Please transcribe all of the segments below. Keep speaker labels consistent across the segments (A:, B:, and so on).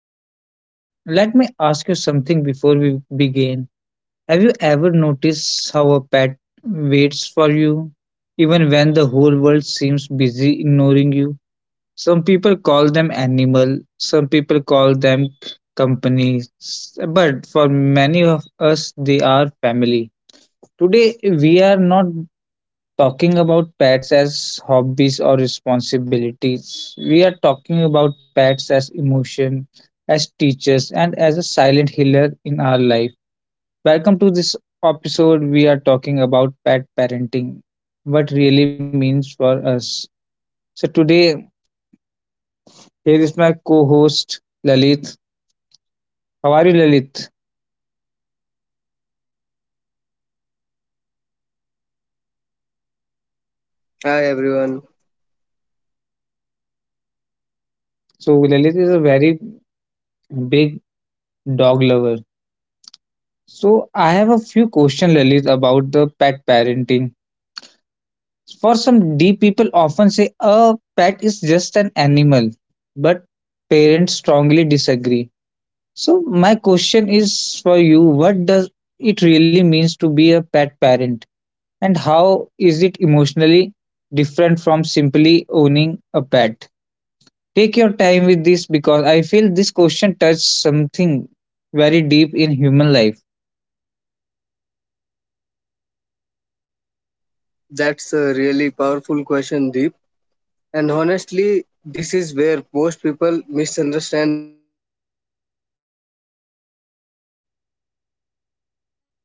A: podcast. Let me ask you something before we begin. Have you ever noticed how a pet waits for you, even when the whole world seems busy ignoring you? Some people call them animal, some people call them companies, but for many of us, they are family. Today, we are not talking about pets as hobbies or responsibilities. We are talking about pets as emotion, as teachers, and as a silent healer in our life. Welcome to this episode. We are talking about pet parenting, what really means for us. So, today, here is my co host, Lalit. How are you, Lalit?
B: Hi everyone.
A: So, Lalit is a very big dog lover. So, I have a few questions, Lalit, about the pet parenting. For some deep people often say a pet is just an animal, but parents strongly disagree. So my question is for you, what does it really means to be a pet parent and how is it emotionally different from simply owning a pet? Take your time with this because I feel this question touches something very deep in human life.
B: That's a really powerful question, Deep. And honestly, this is where most people misunderstand the pets. Being a pet parent is not the same as owning a pet.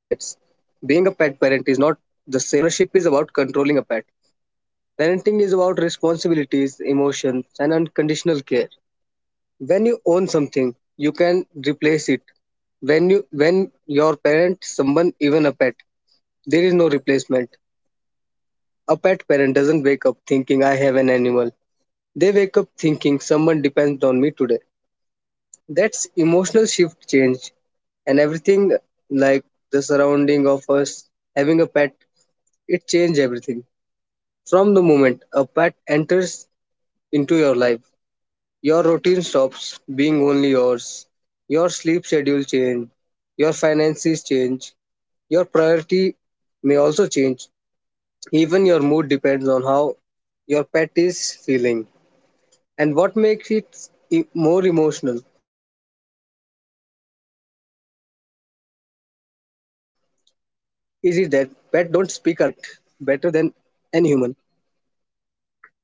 B: Ownership is about controlling a pet. Parenting is about responsibilities, emotions, and unconditional care. When you own something, you can replace it. When your parent, someone, even a pet, there is no replacement. A pet parent doesn't wake up thinking I have an animal. They wake up thinking someone depends on me today. That's emotional shift change, and everything like the surrounding of us having a pet, it changed everything. From the moment a pet enters into your life, your routine stops being only yours, your sleep schedule change, your finances change, your priority may also change, even your mood depends on how your pet is feeling. And what makes it more emotional is it that pets don't speak our language, yet communicate better than any human. They can't explain what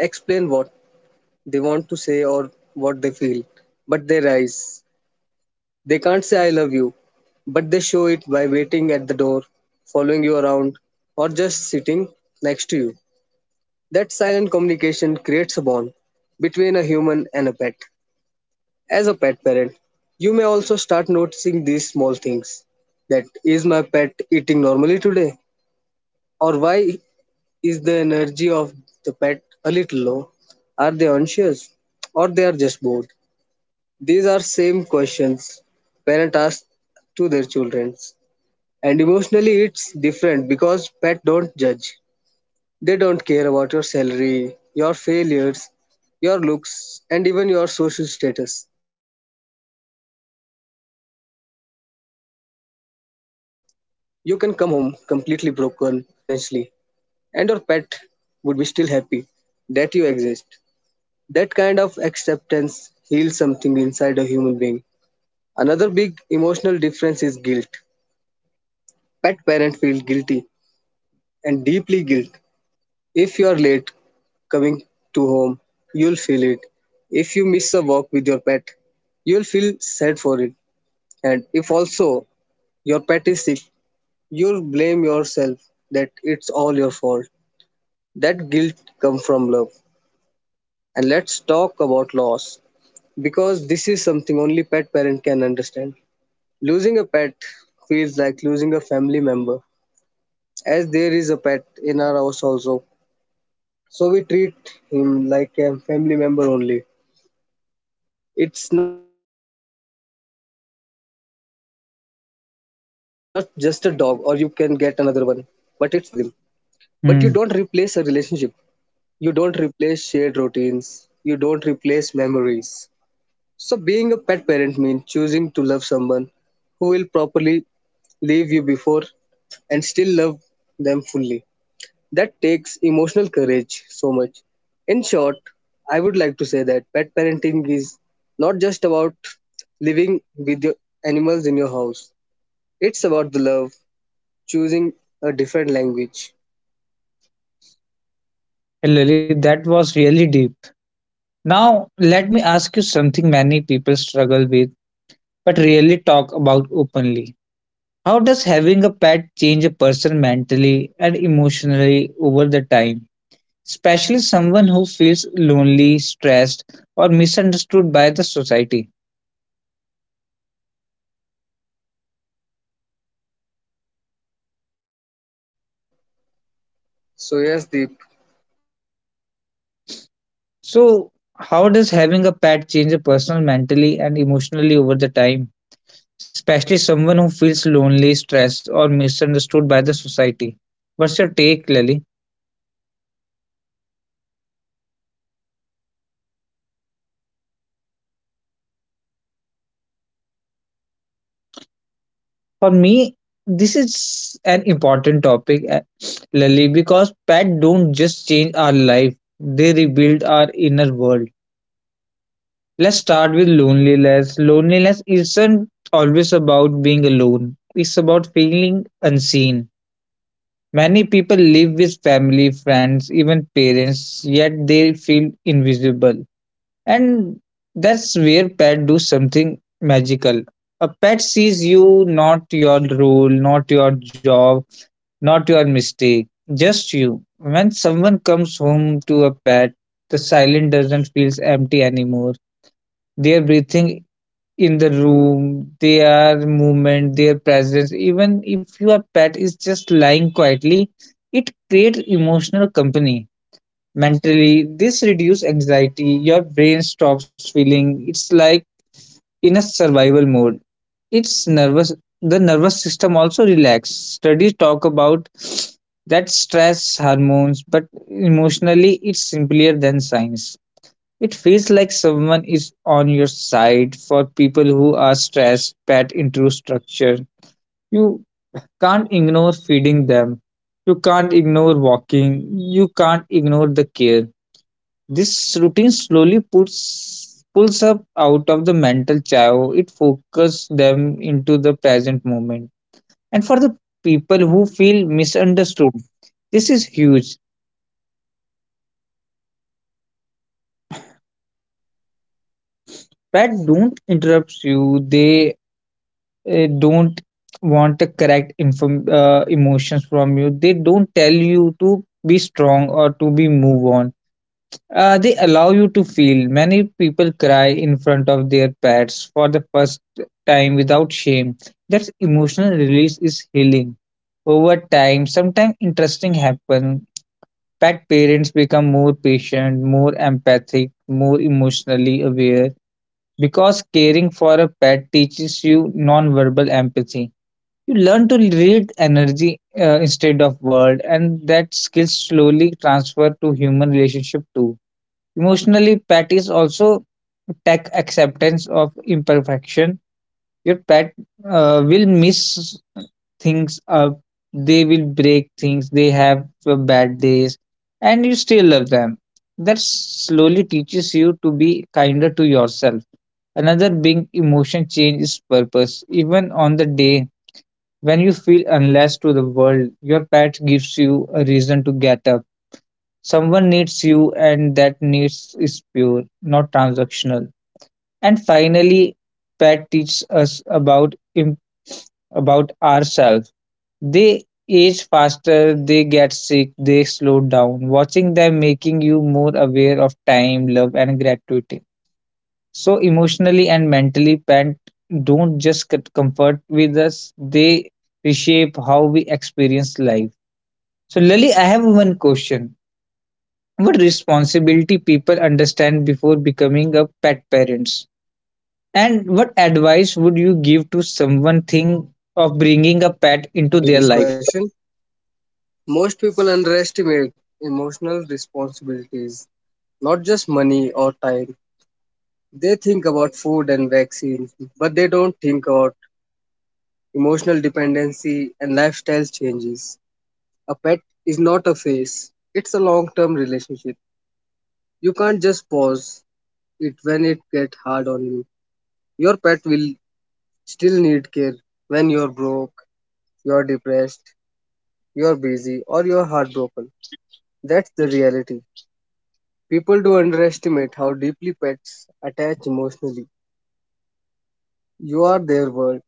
B: they want to say or what they feel, but their eyes. They can't say I love you, but they show it by waiting at the door, following you around, or just sitting next to you. That silent communication creates a bond between a human and a pet. As a pet parent, you may also start noticing these small things. That is my pet eating normally today? Or why is the energy of the pet a little low? Are they anxious? Or they are just bored? These are same questions parents ask to their children. And emotionally it's different because pet don't judge. They don't care about your salary, your failures, your looks, and even your social status. You can come home completely broken, mentally, emotionally, financially, and your pet would be still happy that you exist. That kind of acceptance heals something inside a human being. Another big emotional difference is guilt. Pet parents feel guilty and deeply guilt. If you are late coming to home, you'll feel it. If you miss a walk with your pet, you'll feel sad for it. And if also your pet is sick, you blame yourself that it's all your fault. That guilt comes from love. And let's talk about loss because this is something only pet parent can understand. Losing a pet feels like losing a family member, as there is a pet in our house also. So we treat him like a family member only. It's not just a dog or you can get another one, but it's the bond that you share with him. But you don't replace a relationship.
A: Hmm.
B: You don't replace shared routines. You don't replace memories. So, being a pet parent means choosing to love someone who will properly leave you before and still love them fully. That takes emotional courage so much. In short, I would like to say that pet parenting is not just about living with your animals in your house, it's about the love, choosing a different language.
A: Hey, Lily, that was really deep. Now, let me ask you something many people struggle with but rarely talk about openly. How does having a pet change a person mentally and emotionally over the time? Especially someone who feels lonely, stressed, or misunderstood by the society. So, how does having a pet change a person mentally and emotionally over the time? Especially someone who feels lonely, stressed, or misunderstood by the society. What's your take, Lily? For me, this is an important topic, Lily, because pets don't just change our life, they rebuild our inner world. Let's start with loneliness. Loneliness isn't always about being alone, it's about feeling unseen. Many people live with family, friends, even parents, yet they feel invisible. And that's where pets do something magical. A pet sees you, not your role, not your job, not your mistake, just you. When someone comes home to a pet, the silence doesn't feel empty anymore. Their breathing in the room, their movement, their presence, even if your pet is just lying quietly, it creates emotional company. Mentally, this reduces anxiety. Your brain stops feeling it's like in a survival mode, it's nervous. The nervous system also relax. Studies talk about that stress hormones, but emotionally it's simpler than science. It feels like someone is on your side for people who are stressed, pat into structure. You can't ignore feeding them. You can't ignore walking. You can't ignore the care. This routine slowly puts pulls up out of the mental chaos. It focuses them into the present moment. And for the people who feel misunderstood, this is huge. Pet don't interrupt you. They don't want to correct inform emotions from you. They don't tell you to be strong or to be move on. They allow you to feel. Many people cry in front of their pets for the first time without shame. That emotional release is healing. Over time, sometimes interesting happen. Pet parents become more patient, more empathic, more emotionally aware because caring for a pet teaches you non-verbal empathy. You learn to read energy instead of word, and that skill slowly transfer to human relationship too. Emotionally, pet is also tech acceptance of imperfection. Your pet will miss things up, they will break things, they have bad days, and you still love them. That slowly teaches you to be kinder to yourself. Another big emotion change is purpose. Even on the day when you feel unless to the world, your pet gives you a reason to get up. Someone needs you, and that needs is pure, not transactional. And finally, pet teach us about im- about ourselves. They age faster, they get sick, they slow down. Watching them making you more aware of time, love, and gratitude. So emotionally and mentally, pet don't just comfort with us; they reshape how we experience life. So, Lily, I have one question. What responsibility people understand before becoming a pet parents? And what advice would you give to someone
B: So, Deep,
A: think of bringing a
B: thanks
A: pet
B: for
A: into
B: asking
A: their
B: me this
A: life?
B: question. Most people underestimate emotional responsibilities, not just money or time. They think about food and vaccines, but they don't think about emotional dependency and lifestyle changes. A pet is not a phase, it's a long term relationship. You can't just pause it when it gets hard on you. Your pet will still need care when you're broke, you're depressed, you're busy, or you're heartbroken. That's the reality. People do underestimate how deeply pets attach emotionally. You are their world,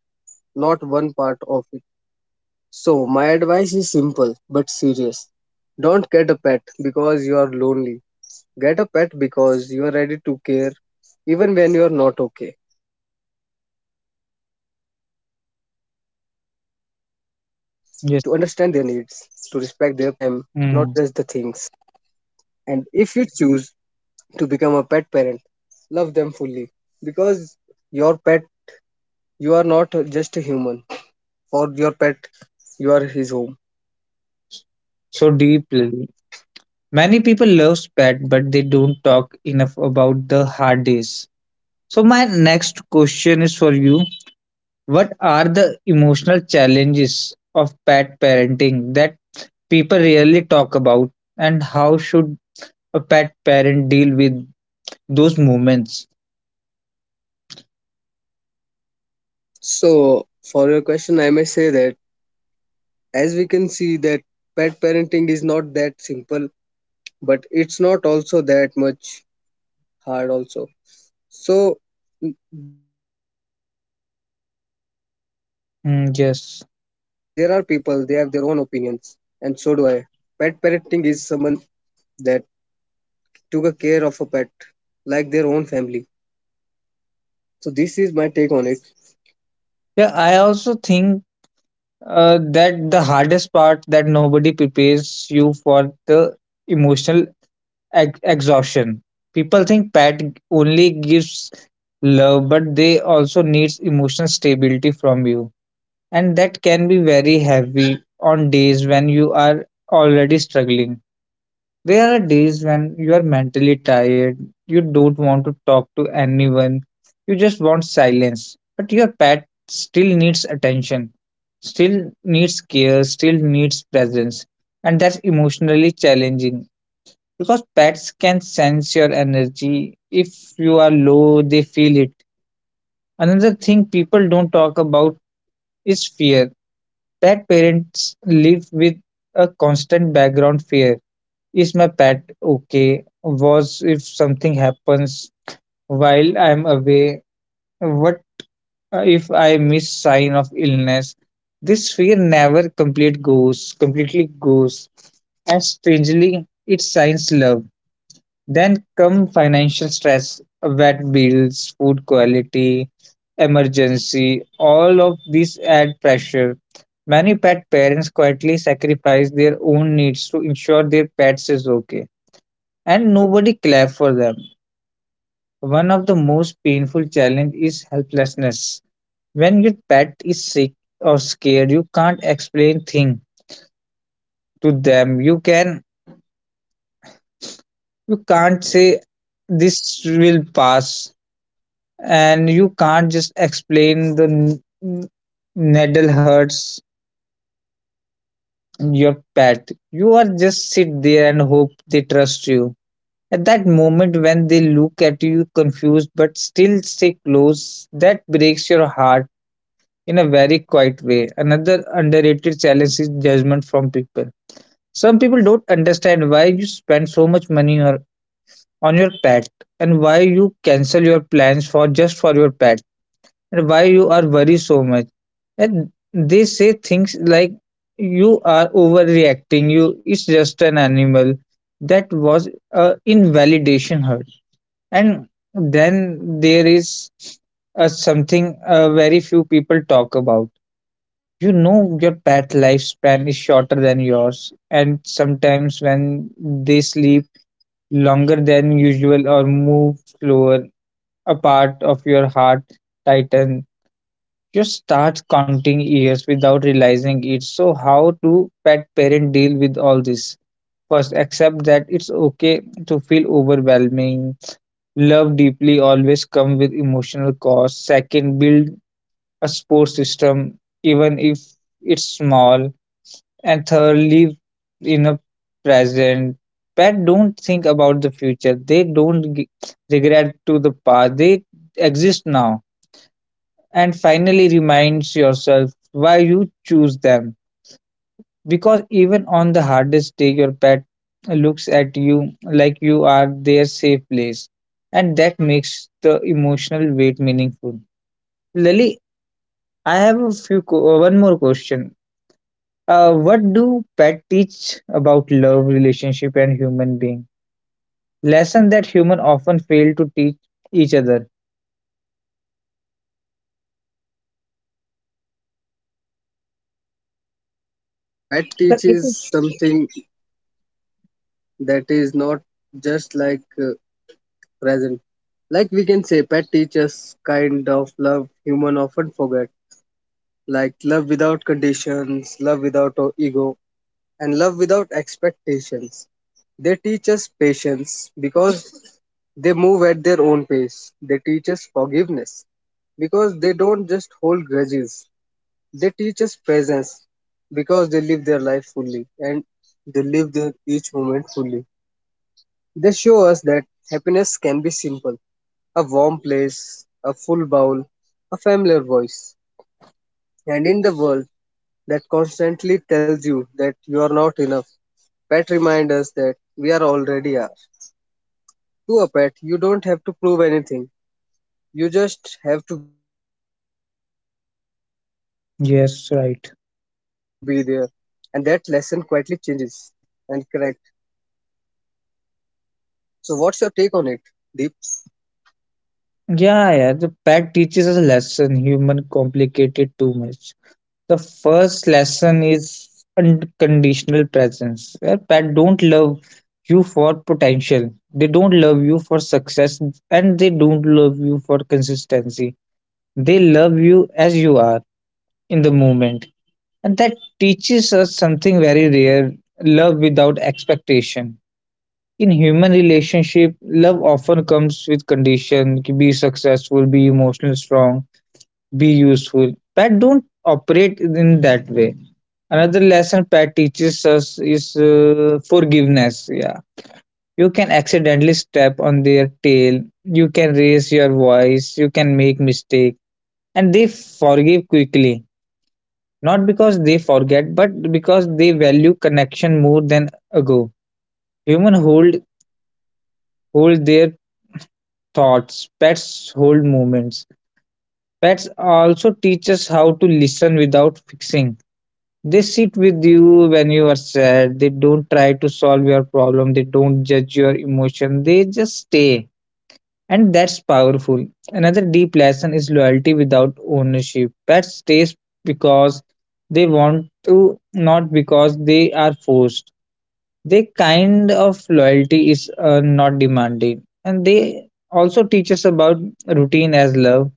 B: not one part of it. So, my advice is simple but serious. Don't get a pet because you are lonely. Get a pet because you are ready to care even when you are not okay, to understand their needs, to respect their personalities. Give them
A: Yes.
B: time, not just the things.
A: Mm.
B: And if you choose to become a pet parent. Love them fully because your pet, you are not just a human. For your pet, you are his home.
A: So deeply. Many people love pet, but they don't talk enough about the hard days. So my next question is for you. What are the emotional challenges of pet parenting that people rarely talk about, and how should a pet parent deal with those moments?
B: So, for your question, I may say that as we can see that pet parenting is not that simple, but it's not also that much hard also. So, there are people, they have their own opinions, and so do
A: Mm,
B: I.
A: yes.
B: So, basically, pet parenting is someone that took a care of a pet like their own family. So this is my take on it.
A: Yeah, I also think. That the hardest part that nobody prepares you for the emotional exhaustion. People think Pat only gives love, but they also needs emotional stability from you, and that can be very heavy on days when you are already struggling. There are days when you are mentally tired, you don't want to talk to anyone, you just want silence. But your pet still needs attention, still needs care, still needs presence. And that's emotionally challenging because pets can sense your energy. If you are low, they feel it. Another thing people don't talk about is fear. Pet parents live with a constant background fear, is my pet okay? Was if something happens while I'm away? What if I miss sign of illness? This fear never complete goes, completely goes. And strangely, it signs love. Then come financial stress, vet bills, food quality, emergency, all of these add pressure. Many pet parents quietly sacrifice their own needs to ensure their pets is okay and nobody clap for them. One of the most painful challenge is helplessness. When your pet is sick or scared, you can't explain thing to them. You can't say this will pass, and you can't just explain the needle hurts your pet. You are just sit there and hope they trust you. At that moment when they look at you confused but still stay close, that breaks your heart in a very quiet way. Another underrated challenge is judgment from people. Some people don't understand why you spend so much money or- on your pet and why you cancel your plans for just for your pet and why you are worried so much. And they say things like you are overreacting, you it's just an animal. That was a invalidation hurt. And then there is something very few people talk about. You know your pet' lifespan is shorter than yours, and sometimes when they sleep longer than usual or move slower, a part of your heart tightens. You start counting years without realizing it. So, how do pet parents deal with all this? First, accept that it's okay to feel overwhelming. Love deeply always comes with emotional cost. Second, build a support system, even if it's small and thoroughly in a present. Pet don't think about the future. They don't regret to the past. They exist now. And finally reminds yourself why you choose them. Because even on the hardest day, your pet looks at you like you are their safe place. And that makes the emotional weight meaningful. Lily, I have a few one more question. What do pet teach about love, relationship, and human being? Lesson that human often fail to teach each other.
B: So from my point of view, pet
A: Because it is-
B: teaches something that is not just like present. Like we can say, pet teaches kind of love human often forget. Like love without conditions, love without ego, and love without expectations. They teach us patience because they move at their own pace. They teach us forgiveness because they don't just hold grudges. They teach us presence because they live their life fully and they live their each moment fully. They show us that happiness can be simple, a warm place, a full bowl, a familiar voice. And in the world that constantly tells you that you are not enough, pet reminds us that we are already are. To a pet, you don't have to prove anything, you just have to be there. And that lesson quietly changes
A: Yes, right.
B: how we can love and connect. So, what's your take on it, Deep?
A: Yeah, yeah. The pet teaches us a lesson. Human complicated too much. The first lesson is unconditional presence. Where pet don't love you for potential. They don't love you for success, and they don't love you for consistency. They love you as you are in the moment. And that teaches us something very rare, love without expectation. In human relationship, love often comes with condition be successful, be emotionally strong, be useful. Pet don't operate in that way. Another lesson Pet teaches us is forgiveness. Yeah. You can accidentally step on their tail, you can raise your voice, you can make mistake, and they forgive quickly not because they forget, but because they value connection more than ago. Humans hold their thoughts, pets hold moments. Pets also teach us how to listen without fixing. They sit with you when you are sad. They don't try to solve your problem. They don't judge your emotion. They just stay. And that's powerful. Another deep lesson is loyalty without ownership. Pets stays because they want to, not because they are forced. Their kind of loyalty is not demanding, and they also teach us about routine as love,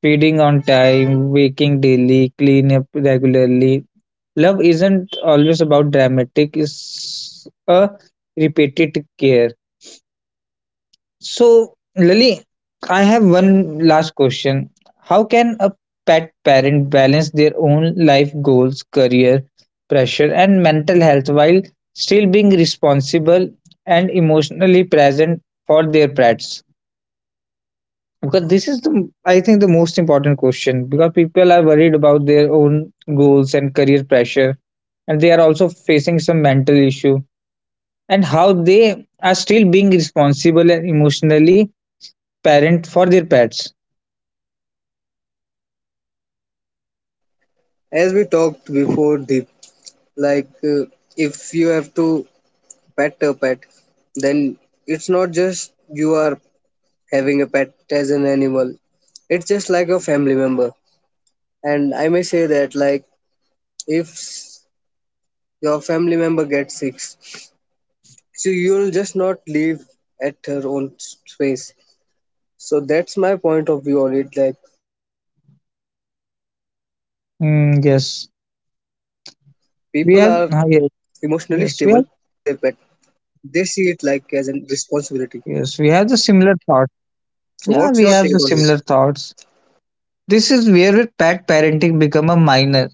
A: feeding on time, waking daily, clean up regularly. Love isn't always about dramatic; it's a repeated care. So, Lily, I have one last question. How can a pet
B: Yes,
A: parent
B: Deep.
A: balance their own life goals, career pressure, and mental health while still being responsible and emotionally present for their pets? Because this is the, I think, the most important question because people are worried about their own goals and career pressure, and they are also facing some mental issue and how they are still being responsible and emotionally parent for their pets.
B: As we talked before, Deep, like if you have to pet a pet, then it's not just you are having a pet as an animal. It's just like a family member. And I may say that, like, if your family member gets sick, so you'll just not leave at her own space. So that's my point of view on it. Like, people are emotionally
A: Mm,
B: stable,
A: yes,
B: but when it comes to their
A: we
B: pet,
A: have. Yes,
B: they see it
A: yes, we have.
B: like as a responsibility.
A: Yes, we have the
B: So, what's
A: similar
B: your take
A: thought.
B: on it?
A: Yeah, we have the similar thoughts. This is where pet parenting become a minor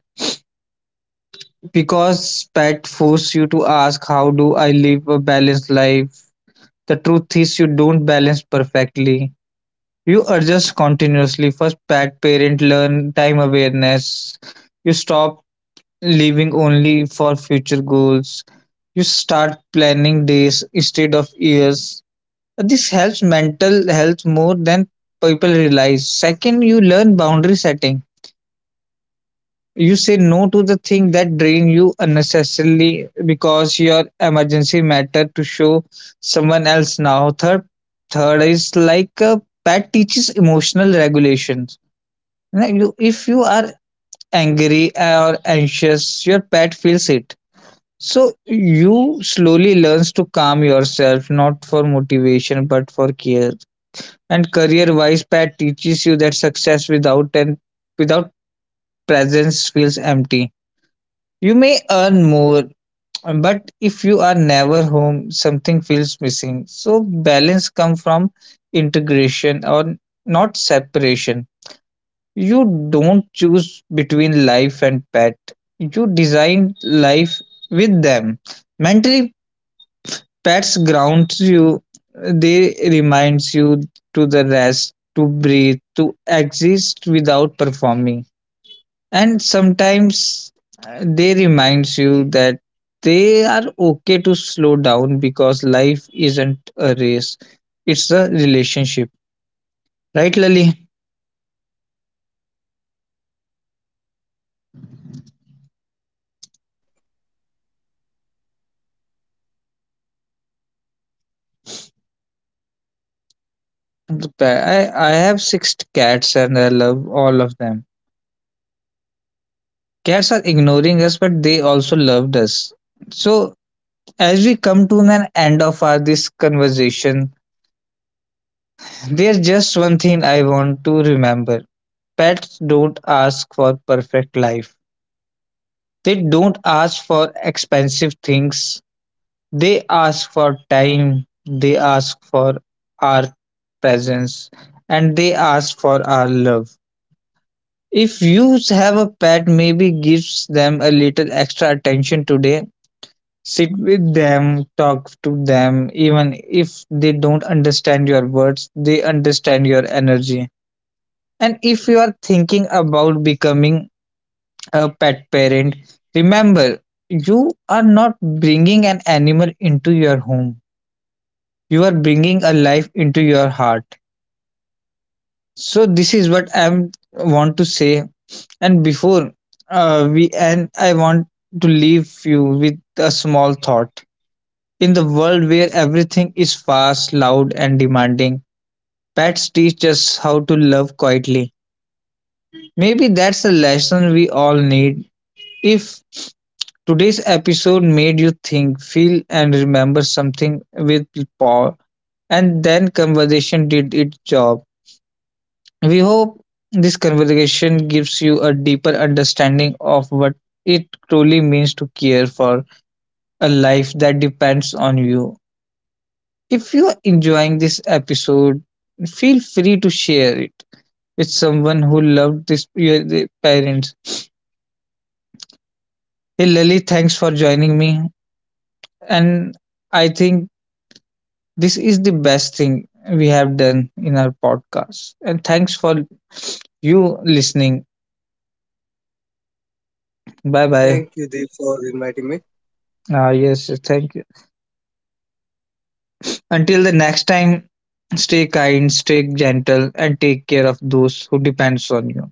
A: because pet force you to ask how do I live a balanced life. The truth is you don't balance perfectly. You adjust continuously. First, pet parent learn time awareness. You stop living only for future goals. You start planning days instead of years. This helps mental health more than people realize. Second, you learn boundary setting. You say no to the thing that drain you unnecessarily because your emergency matter to show someone else now. Third is like a pet teaches emotional regulations. If you are angry or anxious, your pet feels it. So you slowly learns to calm yourself, not for motivation but for care. And career wise, Pat teaches you that success without and without presence feels empty. You may earn more, but if you are never home, something feels missing. So balance comes from integration or not separation. You don't choose between life and pet. You design life with them. Mentally, pets grounds you, they reminds you to the rest, to breathe, to exist without performing. And sometimes they reminds you that they are okay to slow down because life isn't a race, it's a relationship. Right, Lali?
B: Yes, Deep.
A: I have 6 cats and I love all of them. Cats are ignoring us, but they also loved us. So as we come to an end of our this conversation, there's just one thing I want to remember. Pets don't ask for perfect life. They don't ask for expensive things. They ask for time. They ask for our presence and they ask for our love. If you have a pet, maybe gives them a little extra attention today. Sit with them, talk to them, even if they don't understand your words, they understand your energy. And if you are thinking about becoming a pet parent, remember you are not bringing an animal into your home, you are bringing a life into your heart. So, this is what I want to say. And before we end, I want to leave you with a small thought. In the world where everything is fast, loud, and demanding, pets teach us how to love quietly. Maybe that's the lesson we all need. If today's episode made you think, feel, and remember something with Paul, and then conversation did its job, we hope this conversation gives you a deeper understanding of what it truly means to care for a life that depends on you. If you are enjoying this episode, feel free to share it with someone who loved this your their parents. Hey Lalit, thanks for joining me. And I think this is the best thing we have done in our podcast. And thanks for you listening. Bye bye.
B: Thank you, Deep, for inviting me.
A: Ah yes, yes, thank you. Until the next time, stay kind, stay gentle, and take care of those who depends on you.